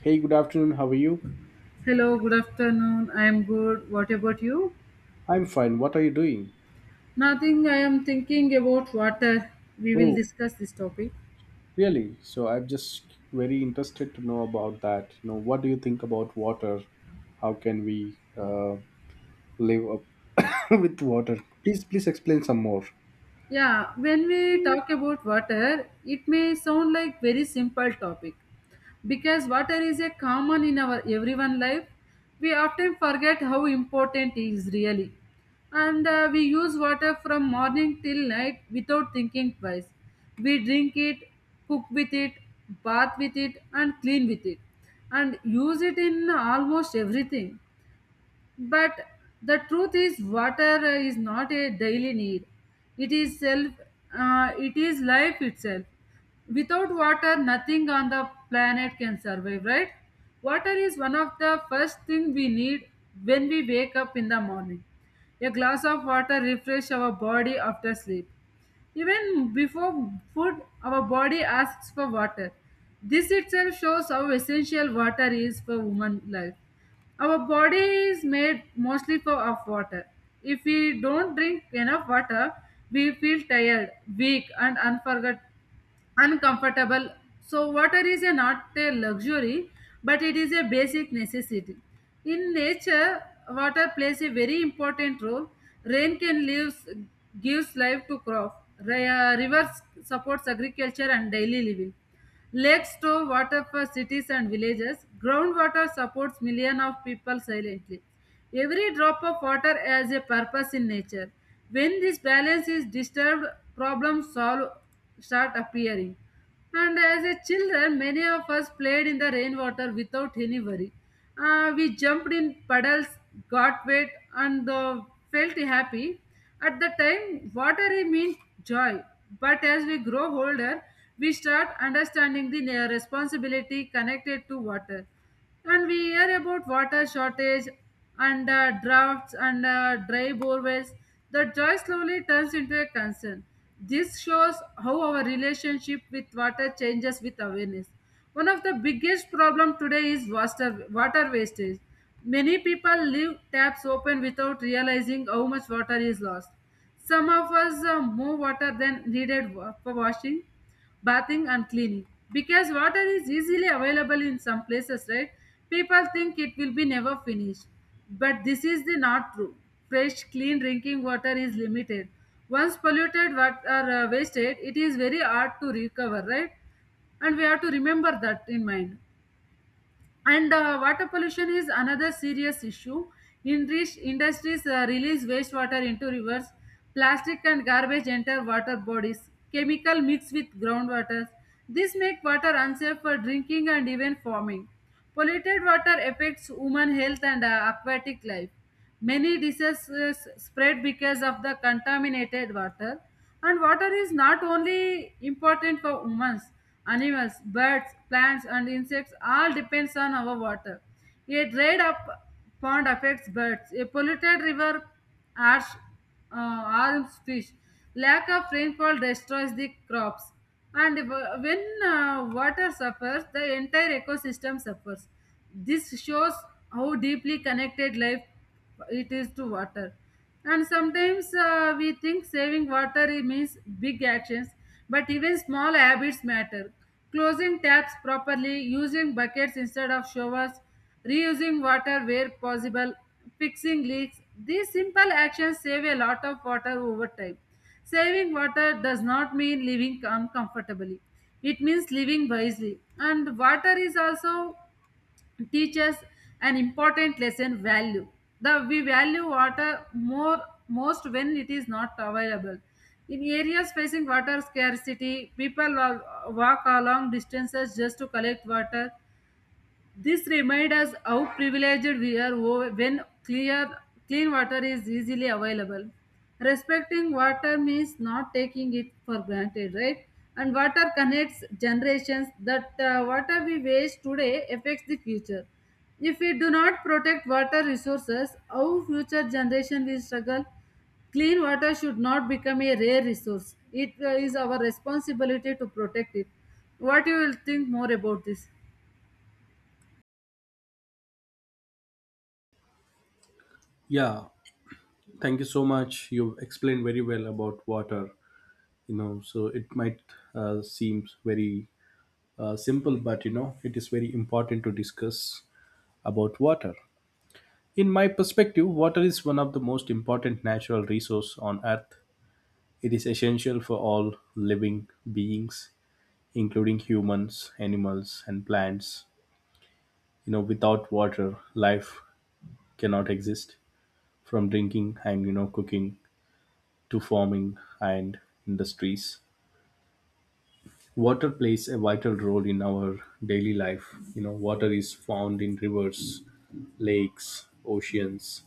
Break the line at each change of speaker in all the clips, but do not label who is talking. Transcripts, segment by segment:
Hey, good afternoon. How are you?
Hello, good afternoon. I am good. What about you?
I'm fine. What are you doing?
Nothing. I am thinking about water. We will
Oh,
discuss this topic.
really? So I'm just very interested to know about that. What do you think about water? How can we live up with water? Please, please explain some more.
Yeah, when we talk about water, it may sound like very simple topic, because water is a common in our everyone life we often forget how important it is really and we use water from morning till night without thinking twice we drink it cook with it bath with it and clean with it and use it in almost everything but the truth is, water is not a daily need. It is self. It is life itself. Without water, nothing on the planet can survive. Right? Water is one of the first thing we need when we wake up in the morning. A glass of water refresh our body after sleep. Even before food, our body asks for water. This itself shows how essential water is for human life. Our body is made mostly for of water. If we don't drink enough water, we feel tired, weak, and unforget uncomfortable. So, water is a not a luxury, but it is a basic necessity. In nature, water plays a very important role. Rain can lives, gives life to crop. Rivers supports agriculture and daily living. Lakes store water for cities and villages. Groundwater supports millions of people silently. Every drop of water has a purpose in nature. When this balance is disturbed, problems solve, start appearing. And as a children, many of us played in the rainwater without any worry. We jumped in puddles, got wet, and felt happy. At the time, watery meant joy, but as we grow older, we start understanding the responsibility connected to water. And we hear about water shortage and droughts and dry borewells. The joy slowly turns into a concern. This shows how our relationship with water changes with awareness. One of the biggest problem today is water wastage. Many people leave taps open without realizing how much water is lost. Some of us more water than needed for washing, bathing and cleaning. Because water is easily available in some places, right? People think it will be never finished. But this is the not true. Fresh, clean drinking water is limited. Once polluted water wasted, it is very hard to recover, right? And we have to remember that in mind and water pollution is another serious issue in rich industries release wastewater into rivers plastic and garbage enter water bodies chemical mix with groundwater this make water unsafe for drinking and even farming polluted water affects human health and aquatic life. Many diseases spread because of the contaminated water. And water is not only important for humans, animals, birds, plants, and insects all depends on our water. A dried up pond affects birds. A polluted river harsh harms fish. Lack of rainfall destroys the crops. And when water suffers, the entire ecosystem suffers. This shows how deeply connected life it is to water and sometimes we think saving water it means big actions but even small habits matter closing taps properly using buckets instead of showers reusing water where possible fixing leaks these simple actions save a lot of water over time saving water does not mean living uncomfortably it means living wisely and water is also teaches an important lesson value the we value water more most when it is not available in areas facing water scarcity people walk a long distances just to collect water this reminds us how privileged we are when clear, clean water is easily available. Respecting water means not taking it for granted, right? And water connects generations that water we waste today affects the future. If we do not protect water resources, our future generation will struggle. Clean water should not become a rare resource. It is our responsibility to protect it. What you will think more about this?
Yeah, thank you so much. You've explained very well about water. So it might seem very simple, but it is very important to discuss about water. In my perspective, water is one of the most important natural resource on earth. It is essential for all living beings, including humans, animals, and plants. Without water, life cannot exist. From drinking and cooking to farming and industries, water plays a vital role in our daily life. Water is found in rivers, lakes, oceans,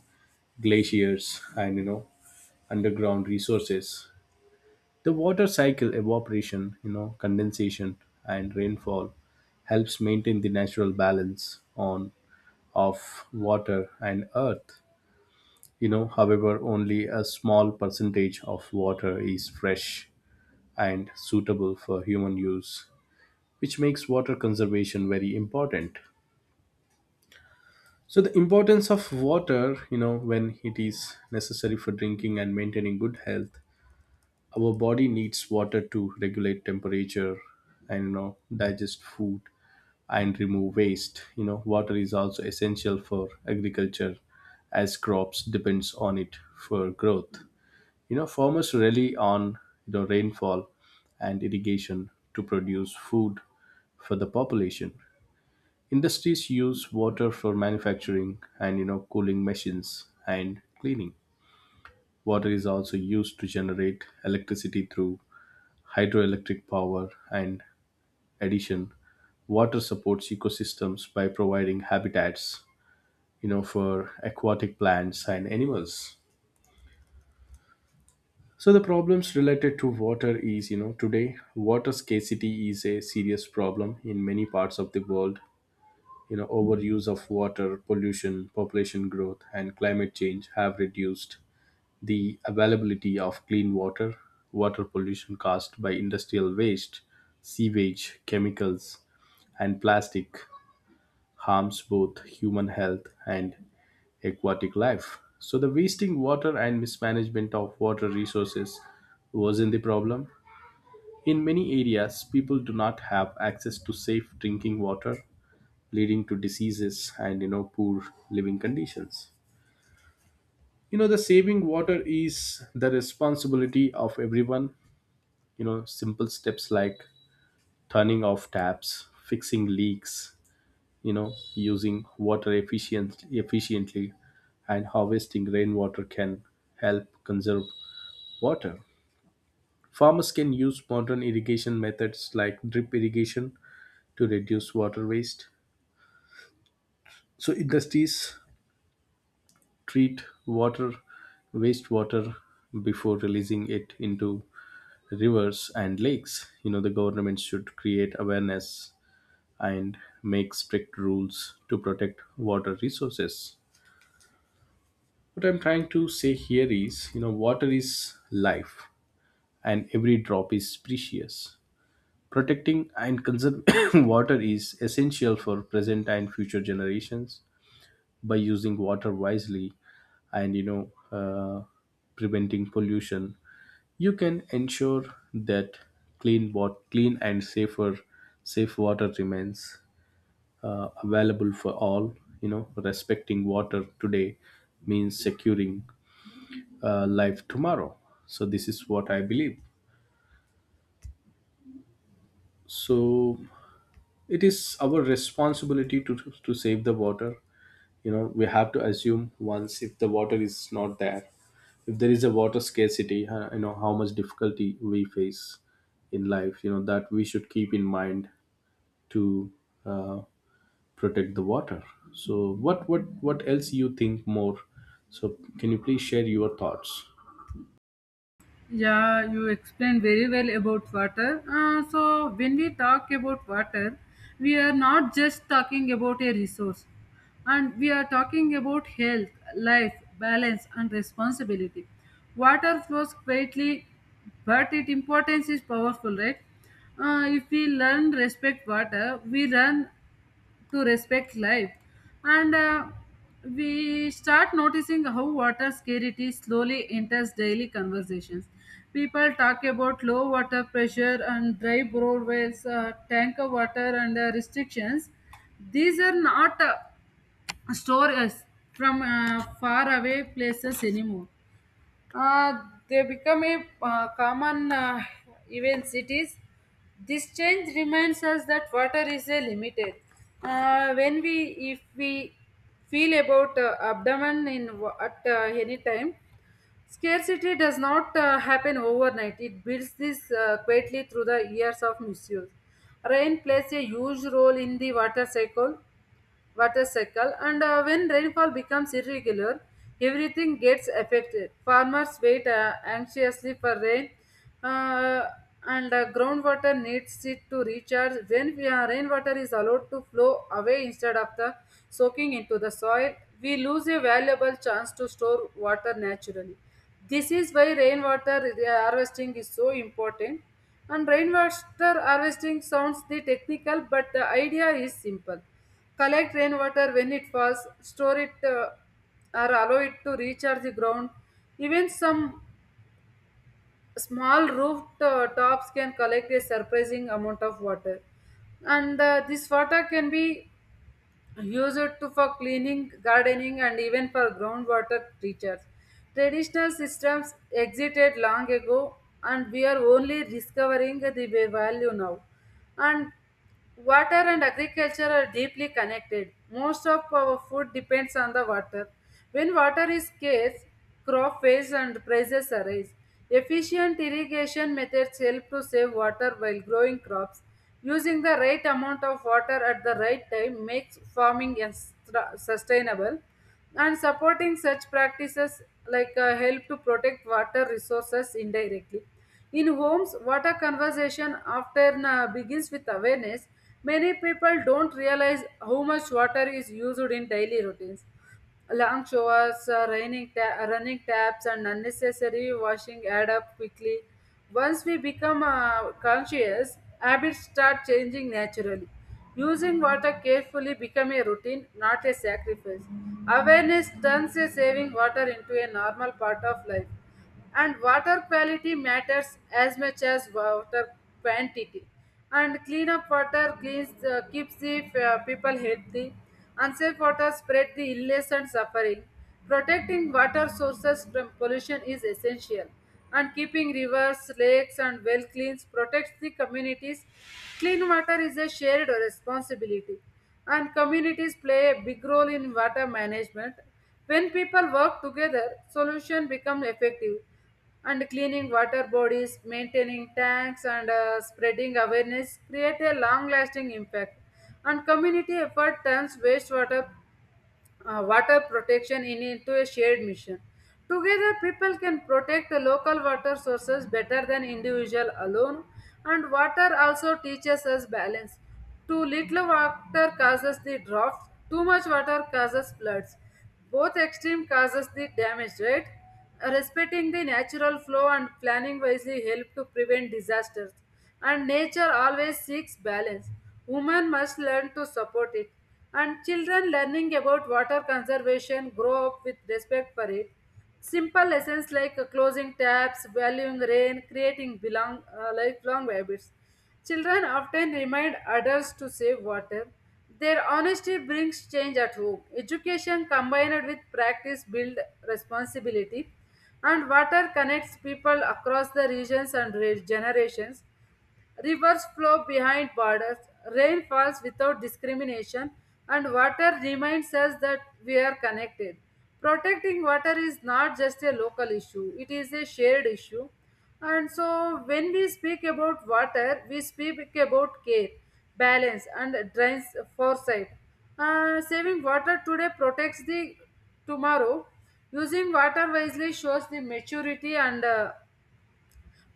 glaciers, and underground resources. The water cycle evaporation, condensation and rainfall helps maintain the natural balance on of water and earth. However, only a small percentage of water is fresh and suitable for human use, which makes water conservation very important. So the importance of water, when it is necessary for drinking and maintaining good health, our body needs water to regulate temperature and digest food and remove waste. Water is also essential for agriculture, as crops depends on it for growth. Farmers rely on rainfall and irrigation to produce food for the population. Industries use water for manufacturing and cooling machines and cleaning. Water is also used to generate electricity through hydroelectric power, and addition, water supports ecosystems by providing habitats, for aquatic plants and animals. So the problems related to water is, today water scarcity is a serious problem in many parts of the world. Overuse of water, pollution, population growth, and climate change have reduced the availability of clean water. Water pollution caused by industrial waste, sewage, chemicals, and plastic harms both human health and aquatic life. So, the wasting water and mismanagement of water resources wasn't the problem. In many areas, people do not have access to safe drinking water, leading to diseases and poor living conditions. The saving water is the responsibility of everyone. Simple steps like turning off taps, fixing leaks, using water efficiently and harvesting rainwater can help conserve water. Farmers can use modern irrigation methods like drip irrigation to reduce water waste. So industries treat water wastewater before releasing it into rivers and lakes. The government should create awareness and make strict rules to protect water resources. What I'm trying to say here is, water is life and every drop is precious. Protecting and conserving water is essential for present and future generations. By using water wisely and preventing pollution, you can ensure that clean and safe water remains available for all. Respecting water today means securing life tomorrow. So this is what I believe. So it is our responsibility to save the water. We have to assume once, if the water is not there, if there is a water scarcity, you know how much difficulty we face in life. You know that we should keep in mind to uh, protect the water. So what else you think more? So can you please share your thoughts?
Yeah, you explained very well about water. So, when we talk about water, we are not just talking about a resource, and we are talking about health, life, balance, and responsibility. Water flows quietly, but its importance is powerful, right? If we learn respect water, we learn to respect life and we start noticing how water scarcity slowly enters daily conversations people talk about low water pressure and dry roadways tanker water and restrictions these are not stories from far away places anymore uh, they become a common event cities. This change reminds us that water is a limited. Uh, when we, if we feel about abdomen in at any time, scarcity does not happen overnight. It builds this quietly through the years of misuse. Rain plays a huge role in the water cycle and when rainfall becomes irregular everything gets affected farmers wait anxiously for rain uh, and groundwater needs it to recharge when we are, rainwater is allowed to flow away instead of the soaking into the soil we lose a valuable chance to store water naturally this is why rainwater harvesting is so important and rainwater harvesting sounds the technical but the idea is simple collect rainwater when it falls, store it or allow it to recharge the ground. Even some small roof tops can collect a surprising amount of water. And this water can be Use it for cleaning, gardening, and even for groundwater treatments. Traditional systems existed long ago, and we are only discovering the value now. And water and agriculture are deeply connected. Most of our food depends on the water. When water is scarce, crop fails and prices arise. Efficient irrigation methods help to save water while growing crops. Using the right amount of water at the right time makes farming sustainable. And supporting such practices like help to protect water resources indirectly. In homes, water conservation often begins with awareness. Many people don't realize how much water is used in daily routines. Long showers, running taps, and unnecessary washing add up quickly. Once we become conscious, habits start changing naturally. Using water carefully become a routine, not a sacrifice. Awareness turns a saving water into a normal part of life and water quality matters as much as water quantity and clean up water cleans keeps the people healthy unsafe water spread the illness and suffering protecting water sources from pollution is essential and keeping rivers lakes and well clean protects the communities clean water is a shared responsibility and communities play a big role in water management when people work together, solution become effective. And cleaning water bodies, maintaining tanks, and spreading awareness create a long-lasting impact. And community effort turns wastewater water protection into a shared mission. Together, people can protect the local water sources better than individual alone. And water also teaches us balance. Too little water causes the drought. Too much water causes floods both extreme causes the damage right. Respecting the natural flow and planning wisely help to prevent disasters and nature always seeks balance women must learn to support it and children learning about water conservation grow up with respect for it simple lessons like closing taps valuing rain creating belong lifelong habits. Children often remind adults to save water. Their honesty brings change at home. Education combined with practice builds responsibility, and water connects people across the regions and generations. Rivers flow behind borders, rain falls without discrimination, and water reminds us that we are connected. Protecting water is not just a local issue, it is a shared issue. And so, when we speak about water, we speak about care, balance, and drains foresight. Saving water today protects the tomorrow. Using water wisely shows the maturity and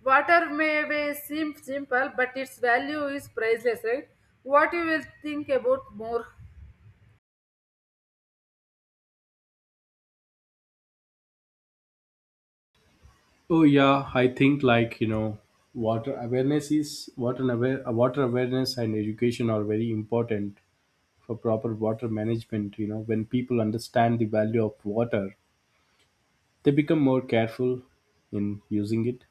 water may be seem simple, but its value is priceless, right? What you will think about more?
Oh yeah, I think, water awareness is water awareness and education are very important for proper water management. When people understand the value of water, they become more careful in using it.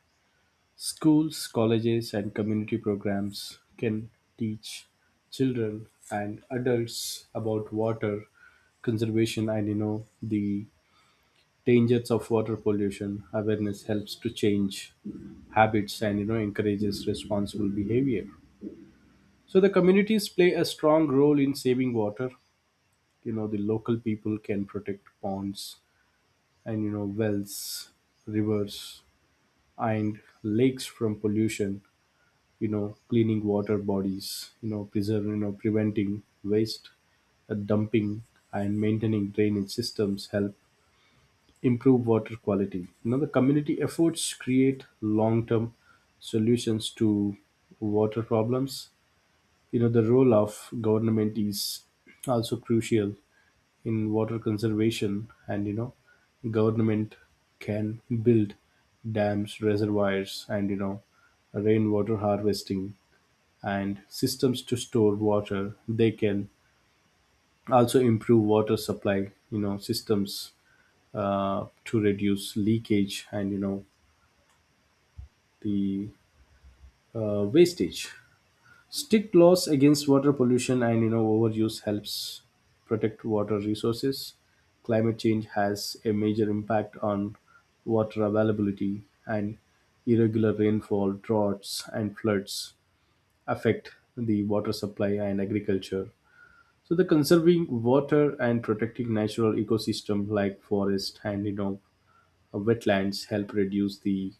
Schools, colleges, and community programs can teach children and adults about water conservation and the dangers of water pollution. Awareness helps to change habits and encourages responsible behavior. So the communities play a strong role in saving water. The local people can protect ponds and wells, rivers, and lakes from pollution. Cleaning water bodies, preserve you know preventing waste dumping and maintaining drainage systems help improve water quality. The community efforts create long-term solutions to water problems. The role of government is also crucial in water conservation, and government can build dams, reservoirs, and rainwater harvesting and systems to store water. They can also improve water supply. Systems to reduce leakage and the wastage. Strict laws against water pollution and overuse helps protect water resources. Climate change has a major impact on water availability, and irregular rainfall, droughts, and floods affect the water supply and agriculture. So the conserving water and protecting natural ecosystem like forest and wetlands help reduce the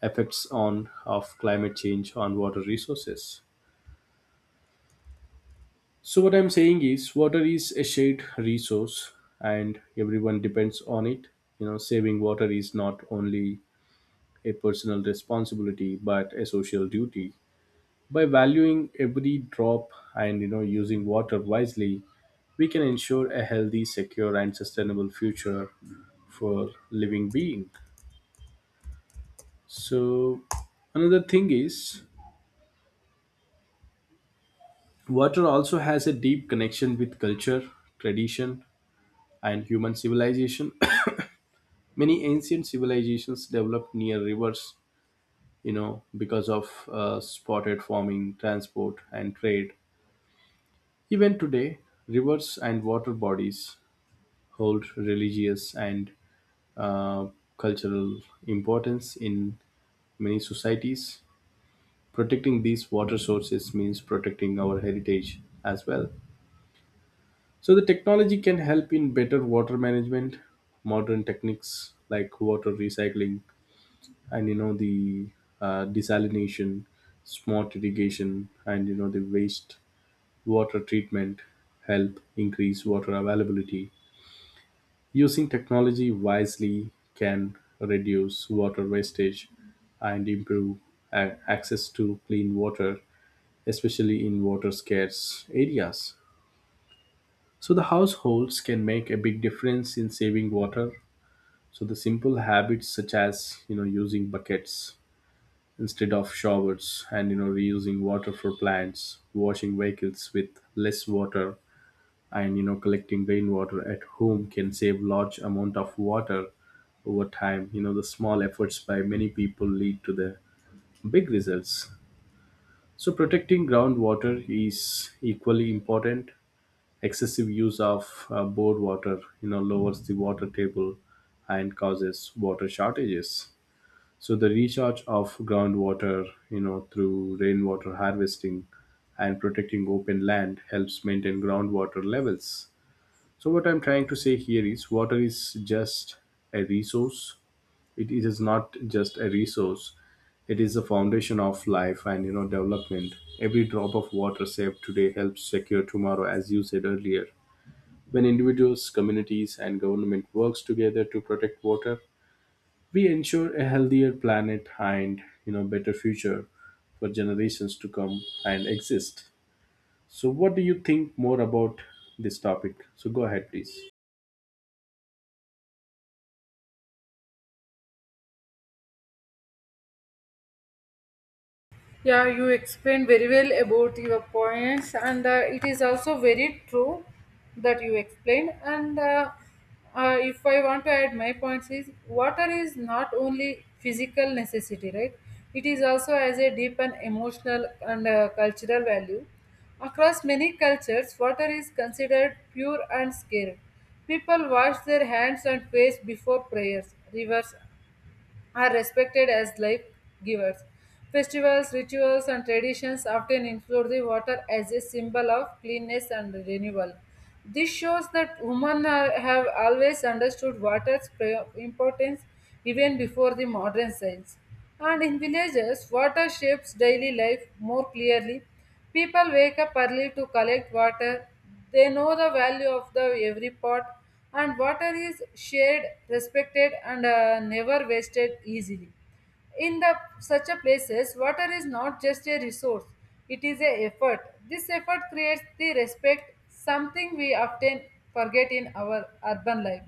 effects on of climate change on water resources. So what I'm saying is, water is a shared resource and everyone depends on it. Saving water is not only a personal responsibility but a social duty. By valuing every drop and using water wisely, we can ensure a healthy, secure, and sustainable future for living being. So another thing is, water also has a deep connection with culture, tradition, and human civilization. Many ancient civilizations developed near rivers, because of spotted farming, transport, and trade. Even today, rivers and water bodies hold religious and uh, cultural importance in many societies. Protecting these water sources means protecting our heritage as well. So the technology can help in better water management. Modern techniques like water recycling and the desalination, smart irrigation, and the waste water treatment help increase water availability. Using technology wisely can reduce water wastage and improve access to clean water, especially in water scarce areas. So the households can make a big difference in saving water. So the simple habits, such as using buckets instead of showers and reusing water for plants, washing vehicles with less water, and collecting rainwater at home can save large amount of water over time. The small efforts by many people lead to the big results. So protecting groundwater is equally important. Excessive use of bored water, lowers the water table and causes water shortages. So the recharge of groundwater, through rainwater harvesting and protecting open land helps maintain groundwater levels. So what I'm trying to say here is, water is just a resource. It is not just a resource. It is the foundation of life and development. Every drop of water saved today helps secure tomorrow, as you said earlier. When individuals, communities, and government works together to protect water, we ensure a healthier planet and better future for generations to come and exist. So, what do you think more about this topic? So, go ahead, please.
Yeah, you explained very well about your points, and it is also very true that you explained. And if I want to add my points, is water is not only physical necessity, right? It is also as a deep and emotional and cultural value. Across many cultures, water is considered pure and sacred. People wash their hands and face before prayers, rivers, are respected as life givers. Festivals, rituals, and traditions often include the water as a symbol of cleanness and renewal. This shows that women are, have always understood water's importance even before the modern science. And in villages, water shapes daily life more clearly. People wake up early to collect water. They know the value of the every pot, and water is shared, respected, and never wasted easily. In the such a places, water is not just a resource; it is a effort. This effort creates the respect, something we often forget in our urban life.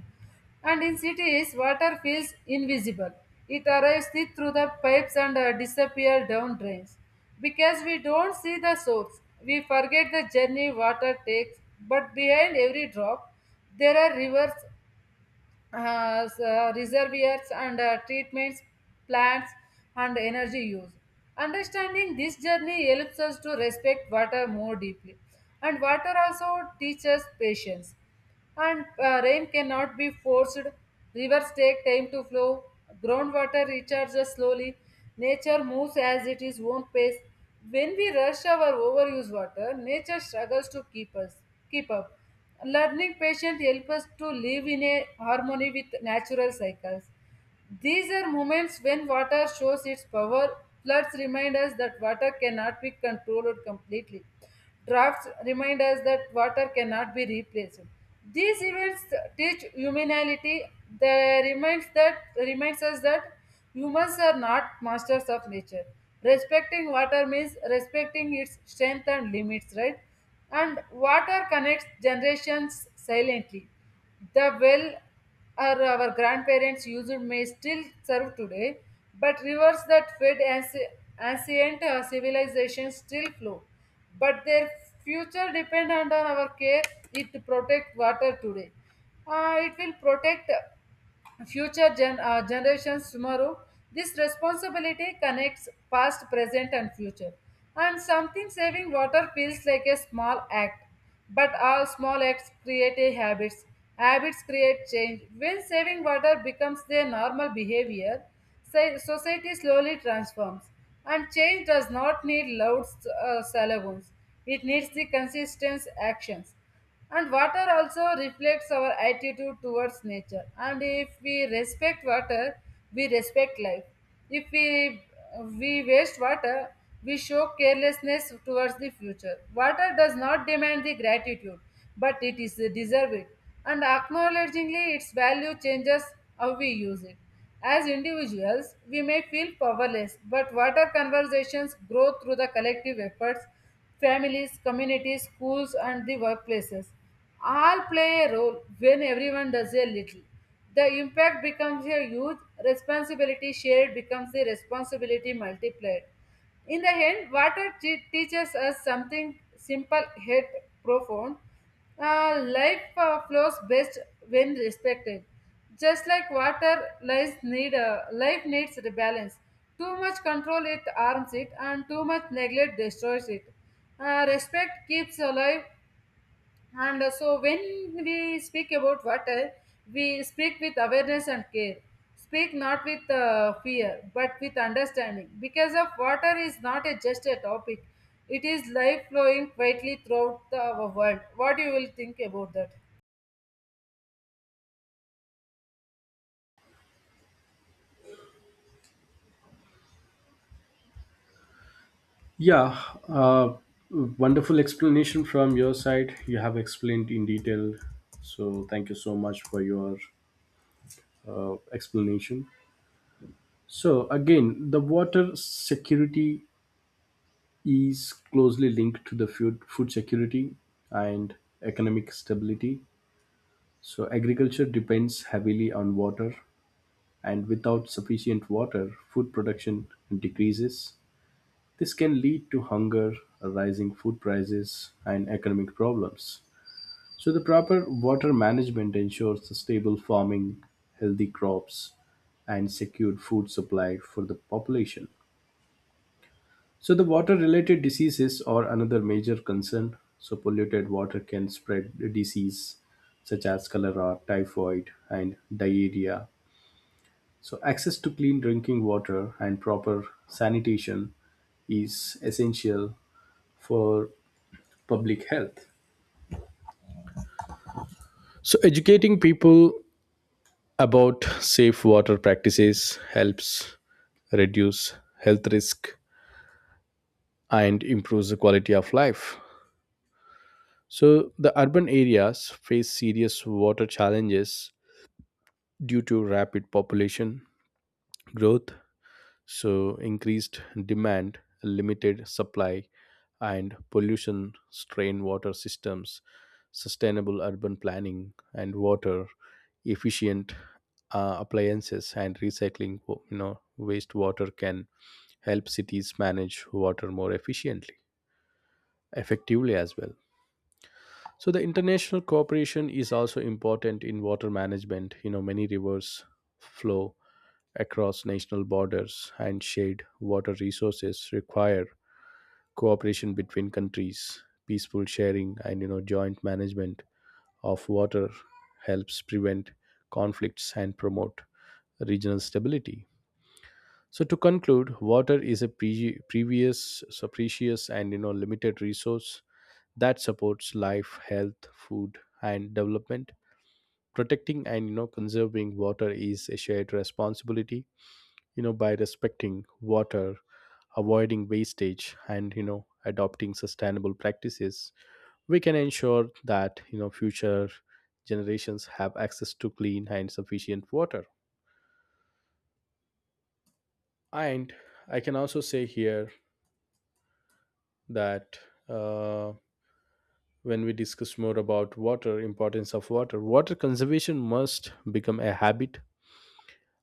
And in cities, water feels invisible. It arrives through the pipes and disappears down drains. Because we don't see the source, we forget the journey water takes. But behind every drop, there are rivers, reservoirs, and treatments, plants, and energy use. Understanding this journey helps us to respect water more deeply. And water also teaches patience and rain cannot be forced. Rivers take time to flow, groundwater recharges slowly, nature moves as it is own pace. When we rush our overuse water, nature struggles to keep up. Learning patience helps us to live in a harmony with natural cycles. These are moments when water shows its power. Floods remind us that water cannot be controlled completely. Drafts remind us that water cannot be replaced. These events teach humanity. They reminds that reminds us that humans are not masters of nature. Respecting water means respecting its strength and limits, right? And water connects generations silently. The well are our grandparents used may still serve today, but rivers that fed ancient civilizations still flow. But their future depend on our care. It protect water today. It will protect generations tomorrow. This responsibility connects past, present, and future. And something saving water feels like a small act, but all small acts create a habits. Habits create change. When saving water becomes their normal behavior, society slowly transforms, and change does not need loud slogans. It needs the consistent actions. And water also reflects our attitude towards nature. And if we respect water, we respect life. If we waste water, we show carelessness towards the future. Water does not demand the gratitude, but it is deserved. And acknowledgingly its value changes how we use it. As individuals, we may feel powerless, but water conversations grow through the collective efforts, families, communities, schools, and the workplaces. All play a role when everyone does a little. The impact becomes a huge responsibility shared becomes the responsibility multiplied. In the end, water teaches us something simple yet profound. Life flows best when respected. Just like water, life needs the balance. Too much control it harms it, and too much neglect destroys it. Respect keeps alive and so, when we speak about water, we speak with awareness and care. Speak not with fear, but with understanding. Because of water is not a, just a topic; it is life flowing quietly throughout the, our world. What you will think about that?
Yeah, uh, wonderful explanation from your side. You have explained in detail. So, thank you so much for your explanation. So, again, the water security is closely linked to the food security and economic stability. So agriculture depends heavily on water, and without sufficient water, food production decreases. This can lead to hunger, rising food prices, and economic problems. So the proper water management ensures the stable farming, healthy crops, and secured food supply for the population. So, the water related diseases are another major concern. So, polluted water can spread disease such as cholera, typhoid, and diarrhea. So, access to clean drinking water and proper sanitation is essential for public health. So, educating people about safe water practices helps reduce health risk and improves the quality of life. So, the urban areas face serious water challenges due to rapid population growth. So increased demand, limited supply, and pollution strain water systems. Sustainable urban planning and water efficient appliances, and recycling wastewater can help cities manage water more effectively as well. So the international cooperation is also important in water management. Many rivers flow across national borders, and shared water resources require cooperation between countries. Peaceful sharing and joint management of water helps prevent conflicts and promote regional stability. So to conclude, water is a pre- previous, so precious and limited resource that supports life, health, food, and development. Protecting and conserving water is a shared responsibility. By respecting water, avoiding wastage, and adopting sustainable practices, we can ensure that future generations have access to clean and sufficient water. And I can also say here that. Uh, when we discuss more about water, importance of water conservation must become a habit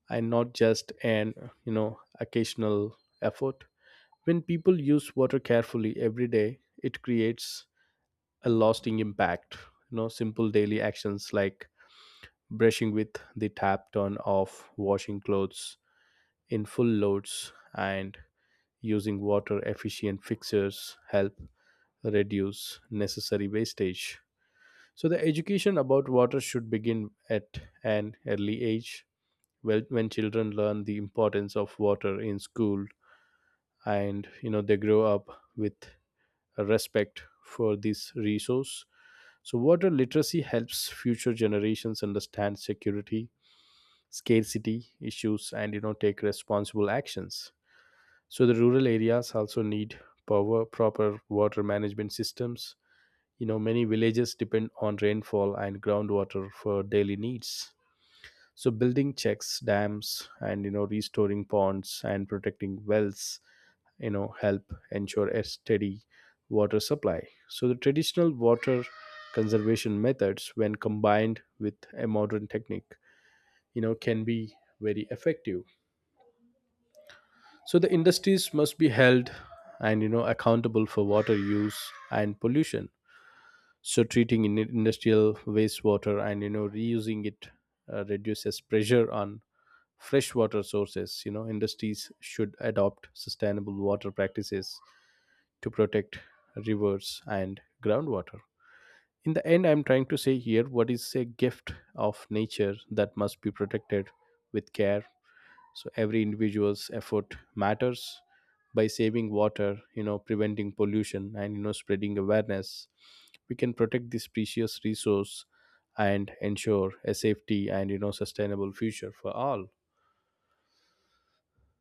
and not just an you know occasional effort. When people use water carefully every day, it creates a lasting impact. Simple daily actions like brushing with the tap turn off, washing clothes in full loads, and using water efficient fixtures help reduce necessary wastage. So the education about water should begin at an early age. Well, when children learn the importance of water in school, and they grow up with a respect for this resource. So water literacy helps future generations understand security, scarcity issues, and take responsible actions. So the rural areas also need proper water management systems. Many villages depend on rainfall and groundwater for daily needs. So building checks, dams, and restoring ponds, and protecting wells, help ensure a steady water supply. So the traditional water conservation methods, when combined with a modern technique, can be very effective. So the industries must be held and accountable for water use and pollution. So treating in industrial wastewater and reusing it reduces pressure on freshwater sources. Industries should adopt sustainable water practices to protect rivers and groundwater. In the end, I'm trying to say here, what is a gift of nature that must be protected with care. So every individual's effort matters. By saving water, preventing pollution, and spreading awareness, we can protect this precious resource and ensure a safety and sustainable future for all.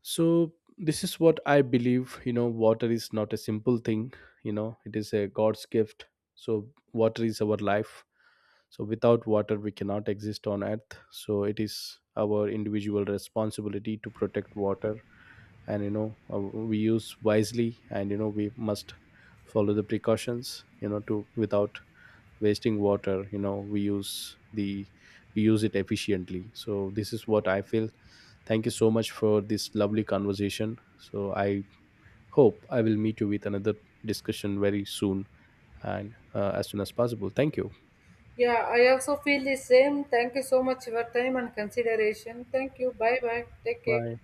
So this is what I believe. Water is not a simple thing. It is a god's gift. So water is our life. So without water we cannot exist on earth. So it is our individual responsibility to protect water, and we use wisely, and we must follow the precautions, to without wasting water, we use it efficiently. So this is what I feel. Thank you so much for this lovely conversation. So I hope I will meet you with another discussion very soon and as soon as possible. Thank you.
Yeah, I also feel the same. Thank you so much for your time and consideration. Thank you. Bye bye. Take care.
Bye.